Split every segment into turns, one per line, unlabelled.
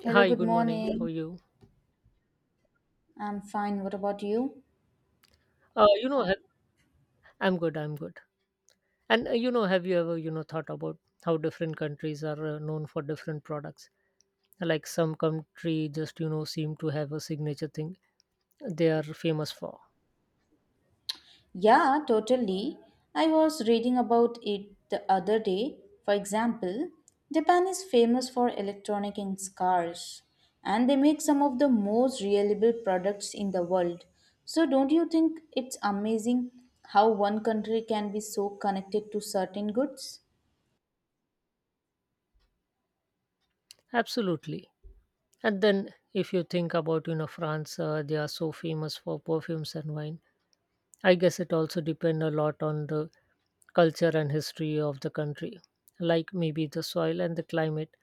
Hello,
Hi,
good
good morning. How
morning.
are you?
I'm fine. What about you?
Uh, you know, have, I'm good. And have you ever, thought about how different countries are known for different products? Like some country just, seem to have a signature thing they are famous for.
Yeah, totally. I was reading about it the other day. For example, Japan is famous for electronic in cars, and they make some of the most reliable products in the world. So, don't you think it's amazing how one country can be so connected to certain goods?
Absolutely. And then if you think about, France, they are so famous for perfumes and wine. I guess it also depend a lot on the culture and history of the country. Like maybe the soil and the climate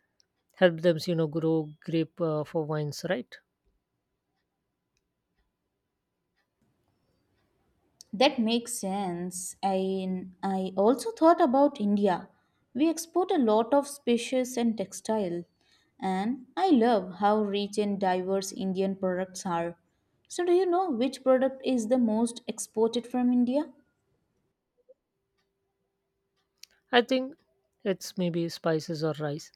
help them, grow grape for wines, right?
That makes sense. I also thought about India. We export a lot of spices and textile, and I love how rich and diverse Indian products are. So, do you know which product is the most exported from India?
I think it's maybe spices or rice.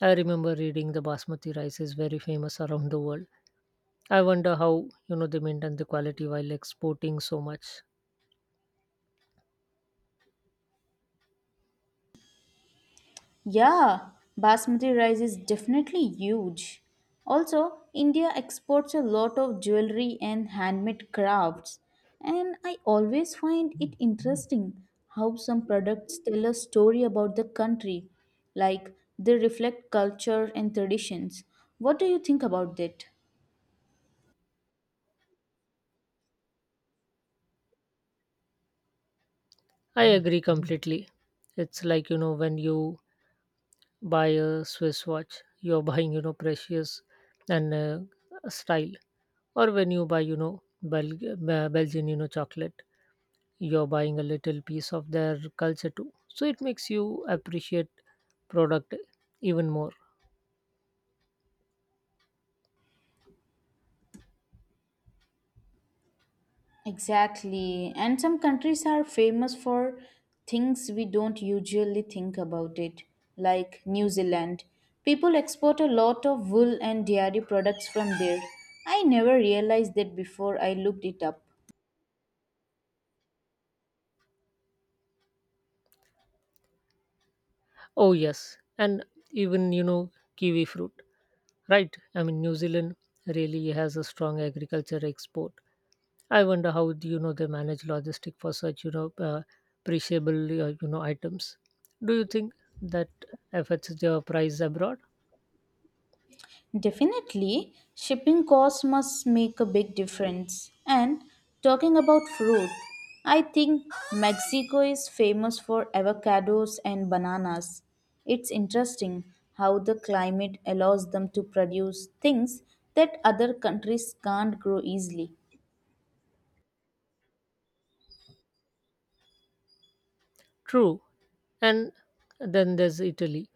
I remember reading the basmati rice is very famous around the world. I wonder how, they maintain the quality while exporting so much.
Yeah, basmati rice is definitely huge. Also, India exports a lot of jewelry and handmade crafts, and I always find it interesting how some products tell a story about the country, like they reflect culture and traditions. What do you think about that?
I agree completely. It's like, when you buy a Swiss watch, you're buying, precious and style. Or when you buy, Belgian, chocolate, you're buying a little piece of their culture too. So it makes you appreciate product even more.
Exactly. And some countries are famous for things we don't usually think about it, like New Zealand. People export a lot of wool and dairy products from there. I never realized that before I looked it up.
Oh yes, and even kiwi fruit, right? I mean New Zealand really has a strong agriculture export. I wonder how do they manage logistic for such perishable items. Do you think that affects their price abroad?
Definitely, shipping costs must make a big difference. And talking about fruit, I think Mexico is famous for avocados and bananas. It's interesting how the climate allows them to produce things that other countries can't grow easily.
True, and then there's Italy.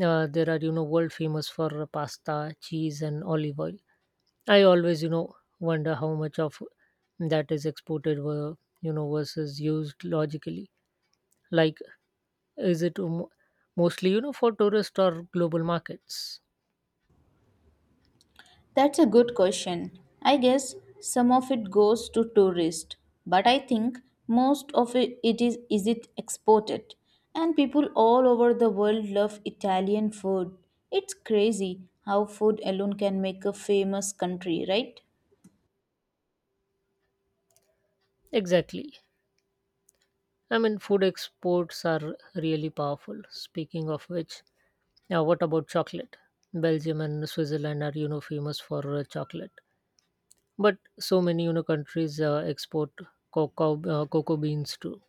There are world famous for pasta, cheese, and olive oil. I always wonder how much of that is exported were versus used logically. Like, is it mostly for tourist or global markets?
That's a good question. I guess some of it goes to tourists, but I think most of it, it is it exported. And people all over the world love Italian food. It's crazy how food alone can make a famous country, right?
Exactly. I mean, food exports are really powerful. Speaking of which, now what about chocolate? Belgium and Switzerland are famous for chocolate. But so many, countries export cocoa beans too.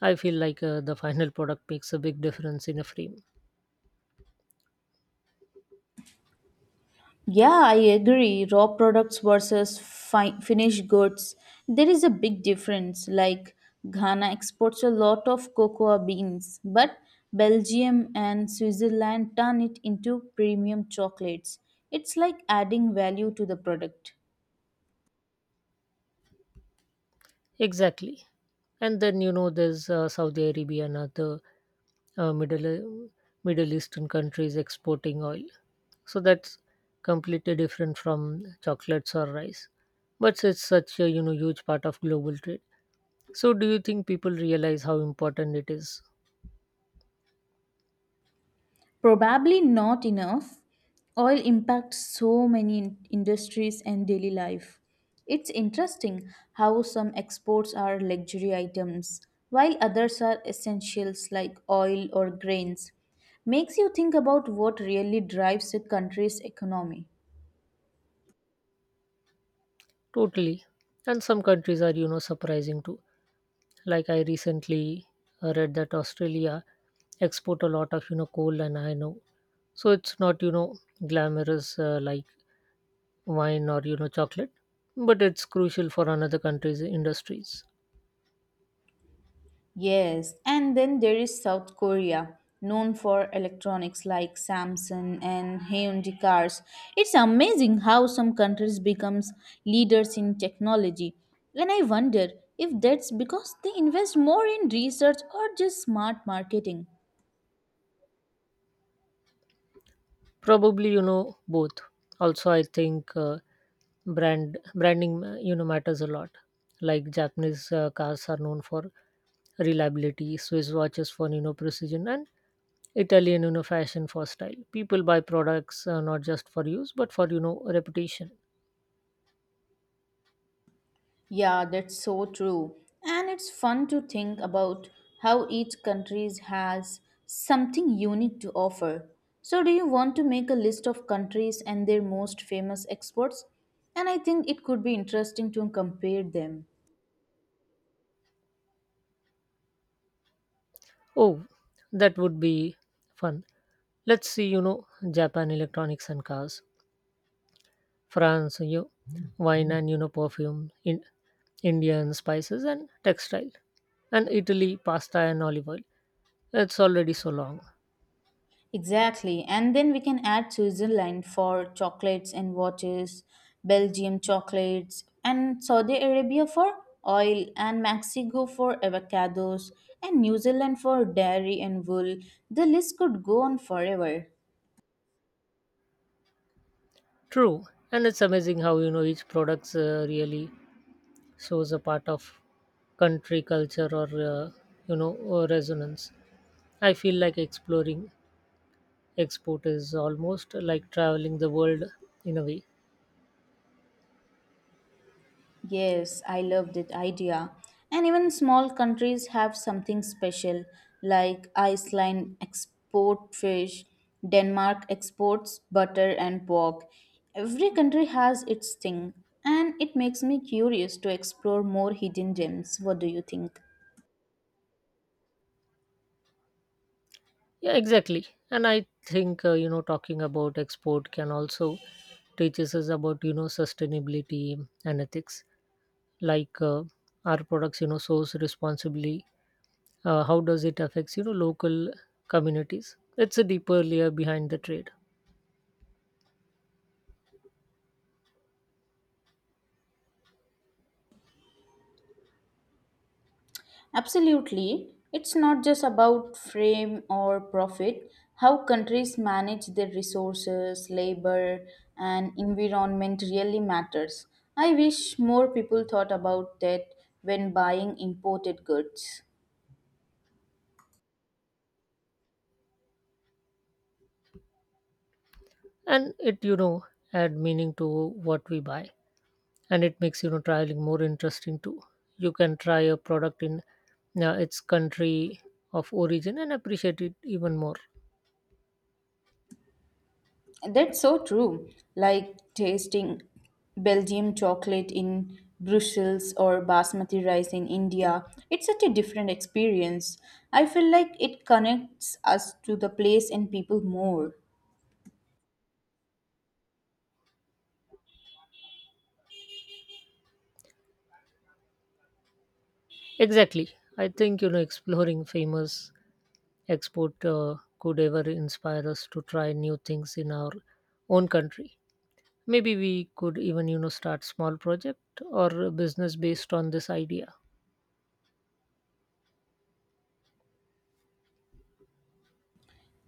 I feel like the final product makes a big difference in a frame.
Yeah, I agree. Raw products versus finished goods. There is a big difference. Like Ghana exports a lot of cocoa beans, but Belgium and Switzerland turn it into premium chocolates. It's like adding value to the product.
Exactly. And then there's Saudi Arabia and other uh, Middle Middle Eastern countries exporting oil. So that's completely different from chocolates or rice. But it's such a huge part of global trade. So do you think people realize how important it is?
Probably not enough. Oil impacts so many industries and daily life. It's interesting how some exports are luxury items, while others are essentials like oil or grains. Makes you think about what really drives a country's economy.
Totally. And some countries are surprising too. Like I recently read that Australia export a lot of coal and iron ore. So it's not glamorous like wine or chocolate, but it's crucial for another country's industries.
Yes, and then there is South Korea, known for electronics like Samsung and Hyundai cars. It's amazing how some countries becomes leaders in technology. And I wonder if that's because they invest more in research or just smart marketing.
Probably both. Also, I think branding matters a lot. Like Japanese cars are known for reliability, Swiss watches for precision, and Italian, fashion for style. People buy products not just for use, but for, reputation.
Yeah, that's so true. And it's fun to think about how each country has something unique to offer. So, do you want to make a list of countries and their most famous exports? And I think it could be interesting to compare them.
Oh, that would be fun. Let's see, Japan electronics and cars, France, you wine and, perfume, in Indian spices and textile, and Italy, pasta and olive oil. It's already so long.
Exactly. And then we can add Switzerland for chocolates and watches, Belgium chocolates, and Saudi Arabia for oil, and Mexico for avocados, and New Zealand for dairy and wool. The list could go on forever.
True. And it's amazing how, each products really shows a part of country culture or, or resonance. I feel like exploring export is almost like traveling the world in a way.
Yes, I love that idea. And even small countries have something special, like Iceland export fish, Denmark exports butter and pork. Every country has its thing, and it makes me curious to explore more hidden gems. What do you think?
Yeah, exactly. And I think talking about export can also teaches us about sustainability and ethics. Like our products, source responsibly. How does it affects local communities? It's a deeper layer behind the trade,
Absolutely. It's not just about frame or profit, how countries manage their resources, labor, and environment really matters. I wish more people thought about that when buying imported goods.
and it add meaning to what we buy. And it makes traveling more interesting too. You can try a product in its country of origin and appreciate it even more.
That's so true. Like tasting Belgium chocolate in Brussels or basmati rice in India. It's such a different experience. I feel like it connects us to the place and people more.
Exactly. I think exploring famous export could ever inspire us to try new things in our own country. Maybe we could even start small project or a business based on this idea.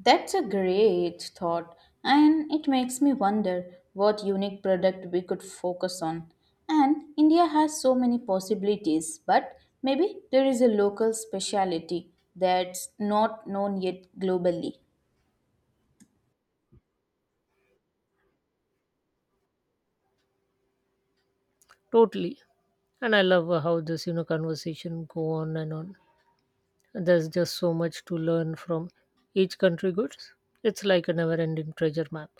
That's a great thought, and it makes me wonder what unique product we could focus on. And India has so many possibilities, but maybe there is a local specialty that's not known yet globally.
Totally, and I love how this conversation go on and on. There's just so much to learn from each country goods. It's like a never ending treasure map.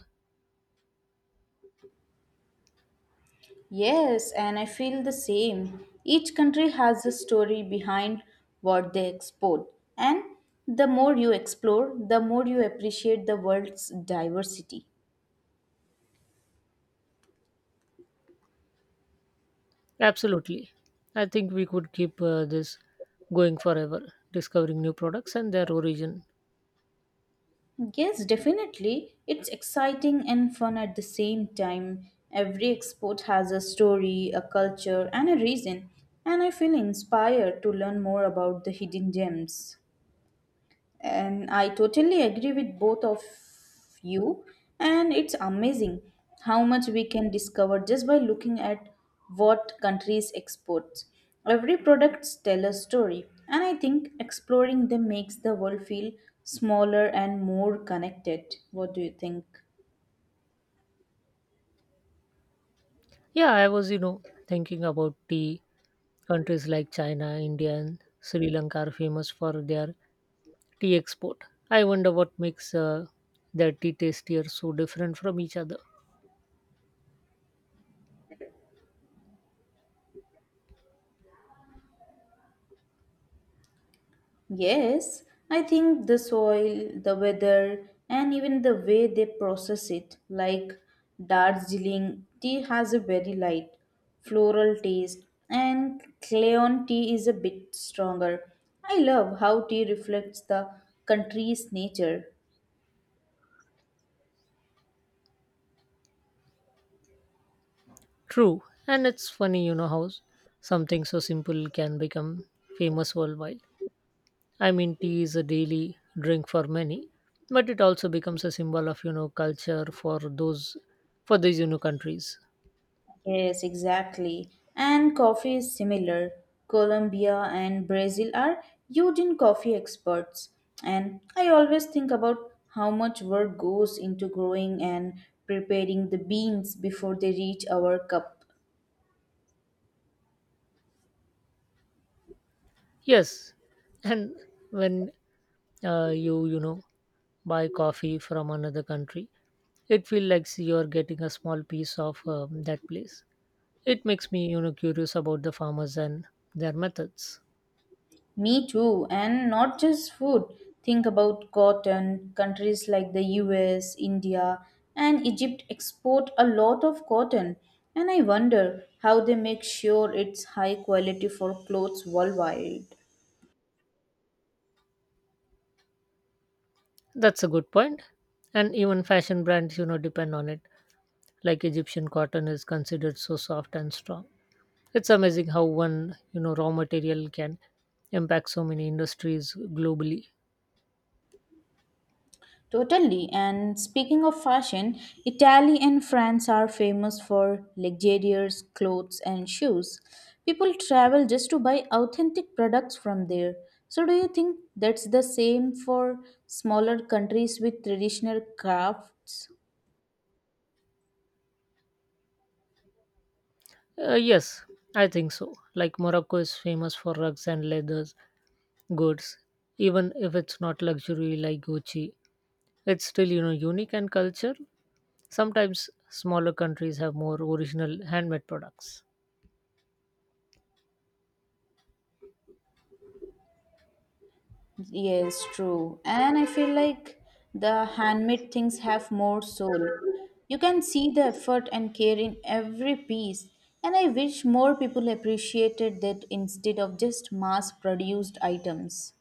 Yes, and I feel the same. Each country has a story behind what they export, and the more you explore, the more you appreciate the world's diversity.
Absolutely. I think we could keep this going forever, discovering new products and their origin.
Yes, definitely. It's exciting and fun at the same time. Every export has a story, a culture, and a reason, and I feel inspired to learn more about the hidden gems. And I totally agree with both of you. And it's amazing how much we can discover just by looking at what countries export. Every product tells a story, and I think exploring them makes the world feel smaller and more connected. What do you think?
Yeah, I was, thinking about tea. Countries like China, India, and Sri Lanka are famous for their tea export. I wonder what makes their tea tastier so different from each other.
Yes, I think the soil, the weather, and even the way they process it, like Darjeeling tea has a very light floral taste, and Cleon tea is a bit stronger. I love how tea reflects the country's nature.
True, and it's funny, how something so simple can become famous worldwide. I mean, tea is a daily drink for many, but it also becomes a symbol of, culture for these, countries.
Yes, exactly. And coffee is similar. Colombia and Brazil are huge in coffee exports. And I always think about how much work goes into growing and preparing the beans before they reach our cup.
Yes, and when you, buy coffee from another country, it feels like you're getting a small piece of that place. It makes me, curious about the farmers and their methods.
Me too, and not just food. Think about cotton. Countries like the US, India, and Egypt export a lot of cotton, and I wonder how they make sure it's high quality for clothes worldwide.
That's a good point. And even fashion brands, depend on it. Like Egyptian cotton is considered so soft and strong. It's amazing how one, raw material can impact so many industries globally.
Totally. And speaking of fashion, Italy and France are famous for luxurious clothes and shoes. People travel just to buy authentic products from there. So, do you think that's the same for smaller countries with traditional crafts?
Yes, I think so. Like Morocco is famous for rugs and leathers goods, even if it's not luxury like Gucci. It's still, unique and culture. Sometimes smaller countries have more original handmade products.
Yes, true. And I feel like the handmade things have more soul. You can see the effort and care in every piece. And I wish more people appreciated that instead of just mass produced items.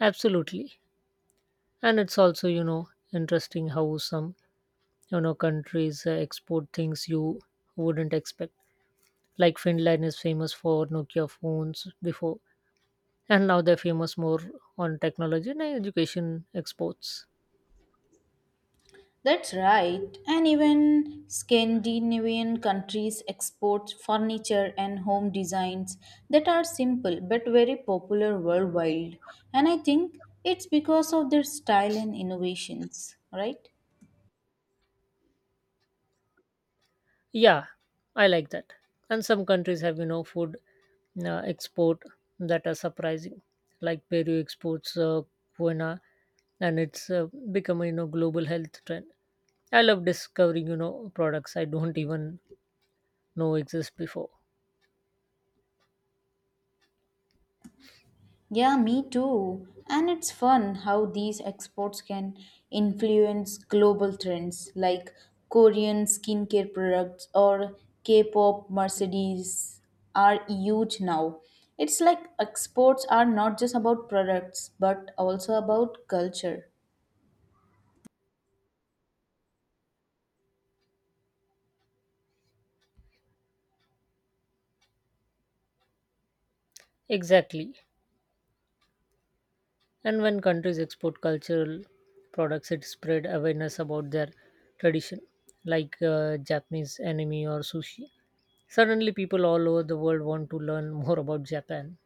Absolutely. And it's also interesting how some countries export things you wouldn't expect. Like Finland is famous for Nokia phones before, and now they're famous more on technology and education exports.
That's right. And even Scandinavian countries export furniture and home designs that are simple but very popular worldwide. And I think it's because of their style and innovations, right?
Yeah, I like that. And some countries have food export that are surprising. Like Peru exports quinoa, and it's become a global health trend. I love discovering products I don't even know exist before.
Yeah, me too. And it's fun how these exports can influence global trends like Korean skincare products or K pop Mercedes are huge now. It's like exports are not just about products but also about culture.
Exactly. And when countries export cultural products, it spread awareness about their tradition, like Japanese anime or sushi. Suddenly, people all over the world want to learn more about Japan.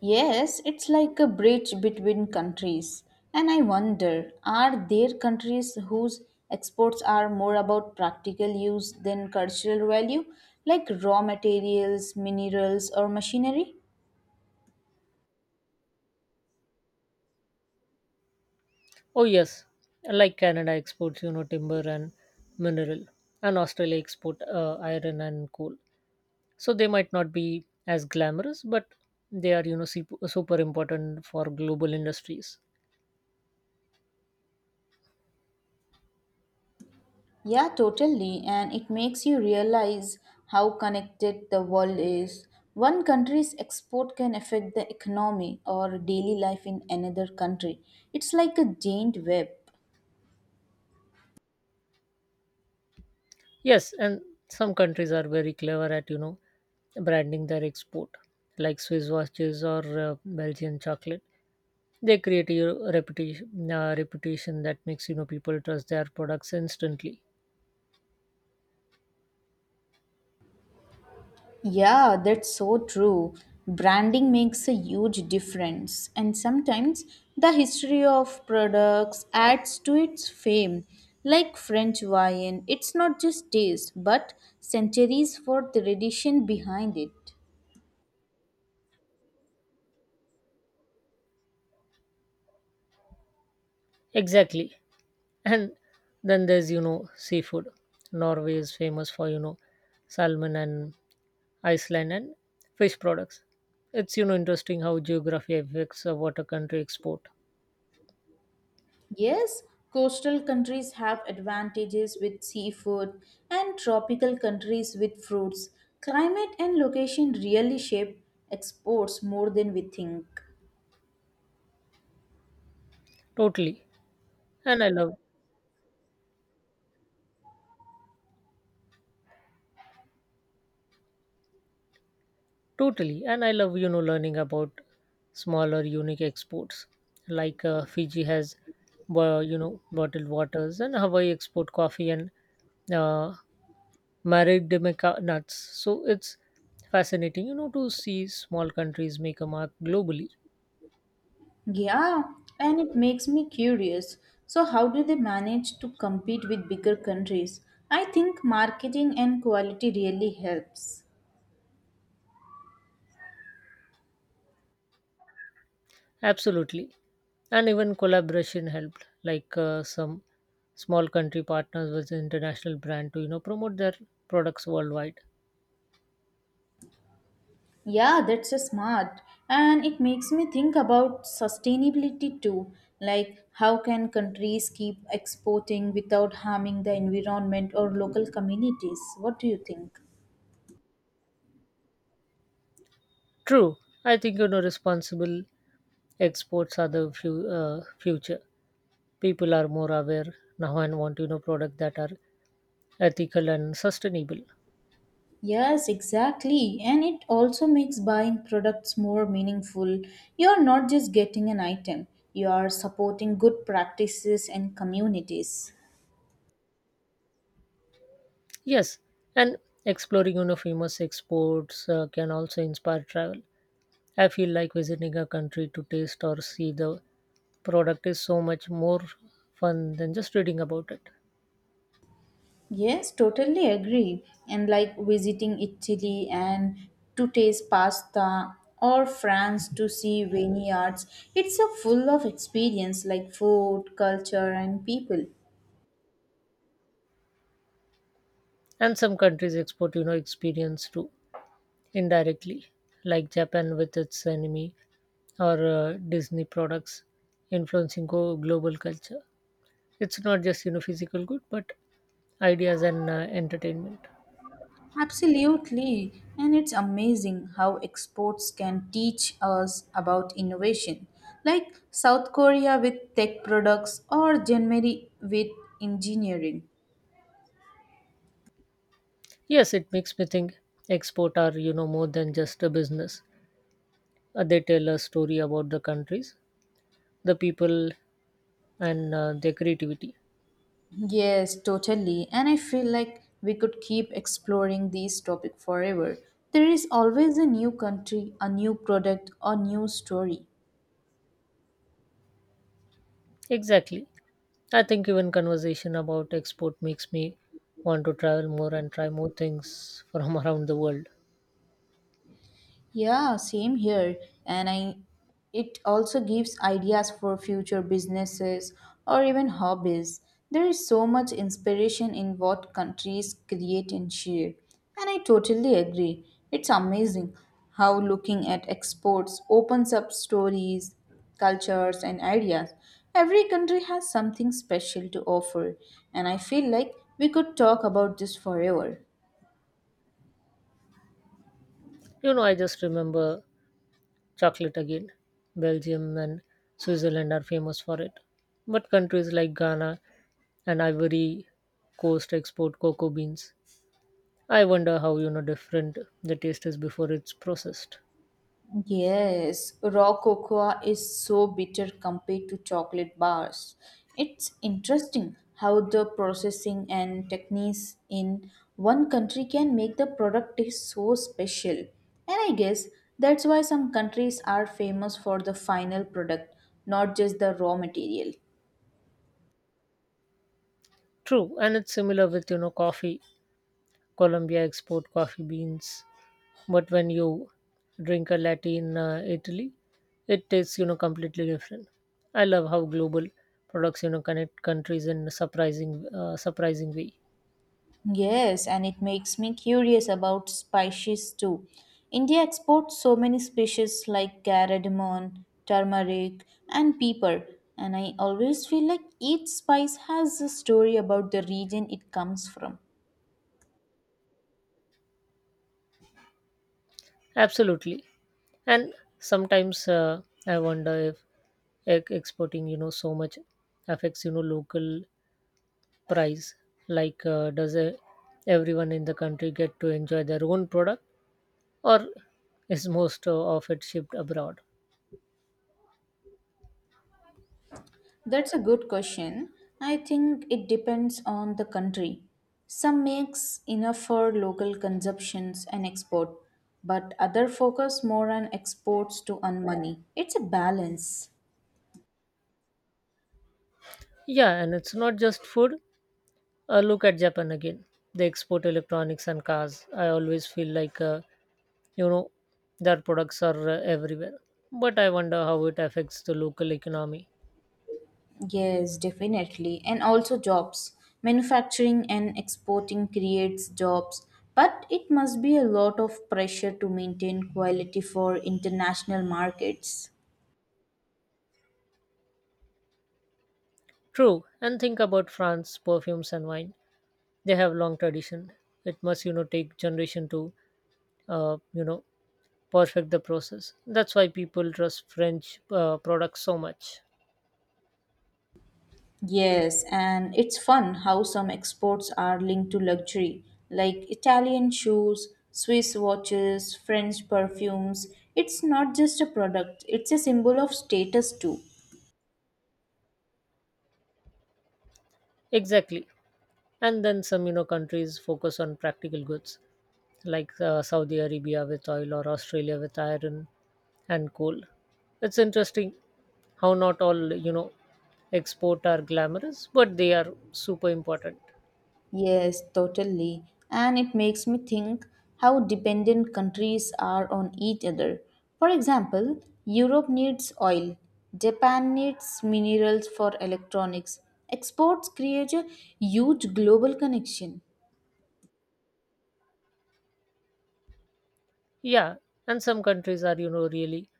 Yes, it's like a bridge between countries. And I wonder, are there countries whose exports are more about practical use than cultural value, like raw materials, minerals, or machinery?
Oh, yes, like Canada exports, timber and mineral, and Australia export iron and coal. So they might not be as glamorous, but they are, super important for global industries.
Yeah, totally. And it makes you realize how connected the world is. One country's export can affect the economy or daily life in another country. It's like a giant web.
Yes, and some countries are very clever at branding their export, like Swiss watches or Belgian chocolate. They create a reputation that makes people trust their products instantly.
Yeah, that's so true. Branding makes a huge difference, and sometimes the history of products adds to its fame. Like French wine, it's not just taste, but centuries for tradition behind it.
Exactly, and then there's seafood. Norway is famous for salmon, and Iceland and fish products. It's interesting how geography affects what a country export.
Yes, coastal countries have advantages with seafood and tropical countries with fruits. Climate and location really shape exports more than we think.
Totally, and I love Totally, and I love learning about smaller unique exports, like Fiji has bottled waters, and Hawaii export coffee and uh, Maridimica nuts. So it's fascinating to see small countries make a mark globally.
Yeah, and it makes me curious. So, how do they manage to compete with bigger countries? I think marketing and quality really helps.
Absolutely, and even collaboration helped, like some small country partners with international brand to promote their products worldwide.
Yeah, that's a smart. And it makes me think about sustainability too. Like, how can countries keep exporting without harming the environment or local communities? What do you think?
True. I think responsible exports are the future. People are more aware now and want products that are ethical and sustainable.
Yes, exactly. And it also makes buying products more meaningful. You're not just getting an item, you are supporting good practices and communities.
Yes, and exploring famous exports can also inspire travel. I feel like visiting a country to taste or see the product is so much more fun than just reading about it.
Yes, totally agree. And like visiting Italy and to taste pasta or France to see vineyards, it's a full of experience like food, culture, and people.
And some countries export experience too indirectly, like Japan with its anime or Disney products influencing global culture. It's not just physical good, but ideas and entertainment.
Absolutely. And it's amazing how exports can teach us about innovation, like South Korea with tech products or Germany with engineering.
Yes, it makes me think export are more than just a business. They tell a story about the countries, the people, and their creativity.
Yes, totally. And I feel like we could keep exploring this topic forever. There is always a new country, a new product, a new story.
Exactly. I think even conversation about export makes me want to travel more and try more things from around the world.
Yeah, same here. And I it also gives ideas for future businesses or even hobbies. There is so much inspiration in what countries create and share. And I totally agree. It's amazing how looking at exports opens up stories, cultures and ideas. Every country has something special to offer, and I feel like we could talk about this forever.
I just remember chocolate again. Belgium and Switzerland are famous for it. But countries like Ghana and Ivory Coast export cocoa beans. I wonder how different the taste is before it's processed.
Yes, raw cocoa is so bitter compared to chocolate bars. It's interesting how the processing and techniques in one country can make the product taste so special. And I guess that's why some countries are famous for the final product, not just the raw material.
True, and it's similar with coffee. Colombia export coffee beans, but when you drink a latte in Italy, it tastes completely different. I love how global products connect countries in a surprising way.
Yes, and it makes me curious about spices too. India exports so many species like cardamom, turmeric, and pepper, and I always feel like each spice has a story about the region it comes from.
Absolutely. And sometimes I wonder if exporting, so much affects, local price. Like, does everyone in the country get to enjoy their own product, or is most of it shipped abroad?
That's a good question. I think it depends on the country. Some makes enough for local consumptions and export, but other focus more on exports to earn money. It's a balance.
Yeah, and it's not just food. Look at Japan again. They export electronics and cars. I always feel like, you know, their products are everywhere. But I wonder how it affects the local economy.
Yes, definitely. And also jobs. Manufacturing and exporting creates jobs, but it must be a lot of pressure to maintain quality for international markets.
True, and think about France perfumes and wine. They have long tradition. It must take generation to uh, you know perfect the process. That's why people trust French products so much.
Yes, and it's fun how some exports are linked to luxury, like Italian shoes, Swiss watches, French perfumes. It's not just a product, it's a symbol of status too.
Exactly, and then some countries focus on practical goods, like Saudi Arabia with oil or Australia with iron and coal. It's interesting how not all export are glamorous, but they are super important.
Yes, totally. And it makes me think how dependent countries are on each other. For example, Europe needs oil, Japan needs minerals for electronics. Exports create a huge global connection.
Yeah, and some countries are, really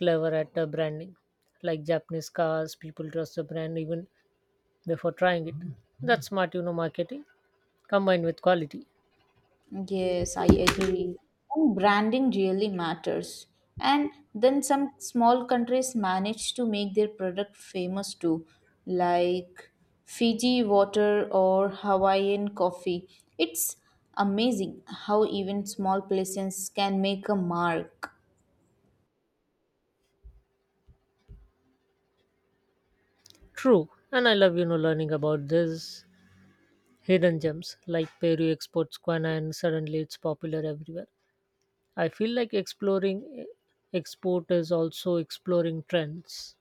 clever at branding. Like Japanese cars, people trust the brand even before trying it. That's smart, marketing combined with quality.
Yes, I agree. And branding really matters. And then some small countries manage to make their product famous too, like Fiji water or Hawaiian coffee. It's amazing how even small places can make a mark.
True. And I love, learning about this hidden gems, like Peru exports guana, and suddenly it's popular everywhere. I feel like exploring export is also exploring trends.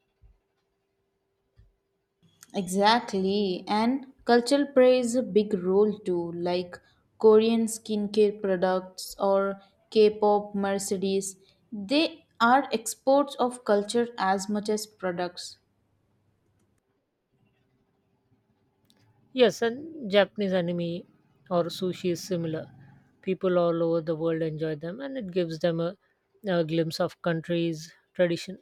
Exactly, and cultural plays a big role too, like Korean skincare products or K pop Mercedes. They are exports of culture as much as products.
Yes, and Japanese anime or sushi is similar. People all over the world enjoy them, and it gives them a glimpse of countries' tradition.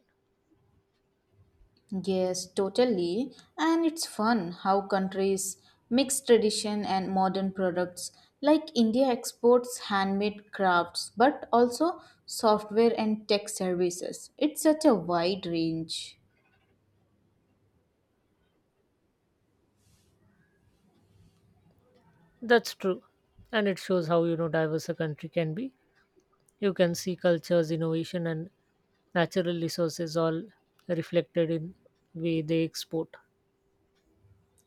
Yes, totally. And it's fun how countries mix tradition and modern products. Like India exports handmade crafts, but also software and tech services. It's such a wide range.
That's true, and it shows how diverse a country can be. You can see cultures, innovation, and natural resources all reflected in way they export.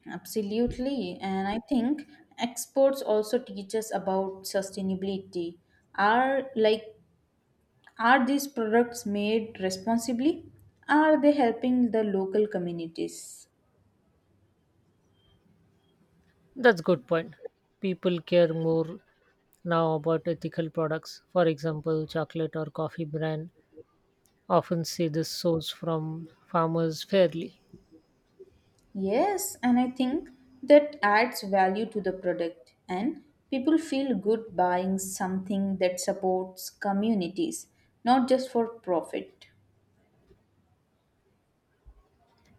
Absolutely, and I think exports also teach us about sustainability. Are like are these products made responsibly? Are they helping the local communities?
That's good point. People care more now about ethical products. For example, chocolate or coffee brand often say this source from farmers fairly.
Yes, and I think that adds value to the product and people feel good buying something that supports communities, not just for profit.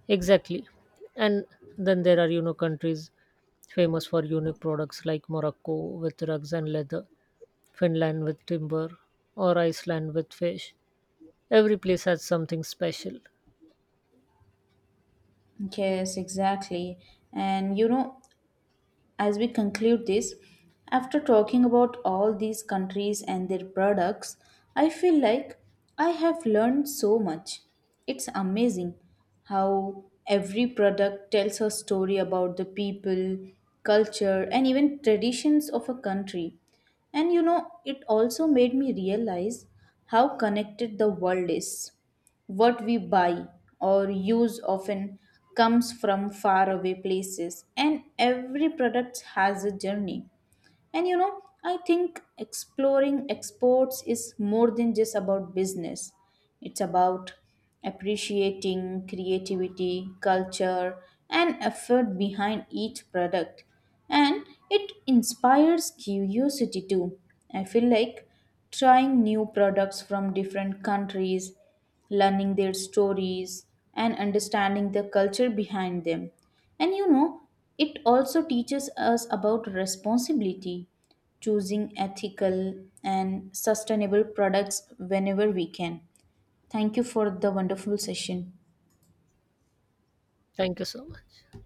Exactly. And then there are, countries famous for unique products, like Morocco with rugs and leather, Finland with timber, or Iceland with fish. Every place has something special.
Yes, exactly. And you know, as we conclude this, after talking about all these countries and their products, I feel like I have learned so much. It's amazing how every product tells a story about the people, culture, and even traditions of a country. And you know, it also made me realize how connected the world is. What we buy or use often comes from faraway places, and every product has a journey. And you know, I think exploring exports is more than just about business. It's about appreciating creativity, culture, and effort behind each product. And it inspires curiosity too. I feel like trying new products from different countries, learning their stories, and understanding the culture behind them and you know, it also teaches us about responsibility, choosing ethical and sustainable products whenever we can. Thank you for the wonderful session.
Thank you so much.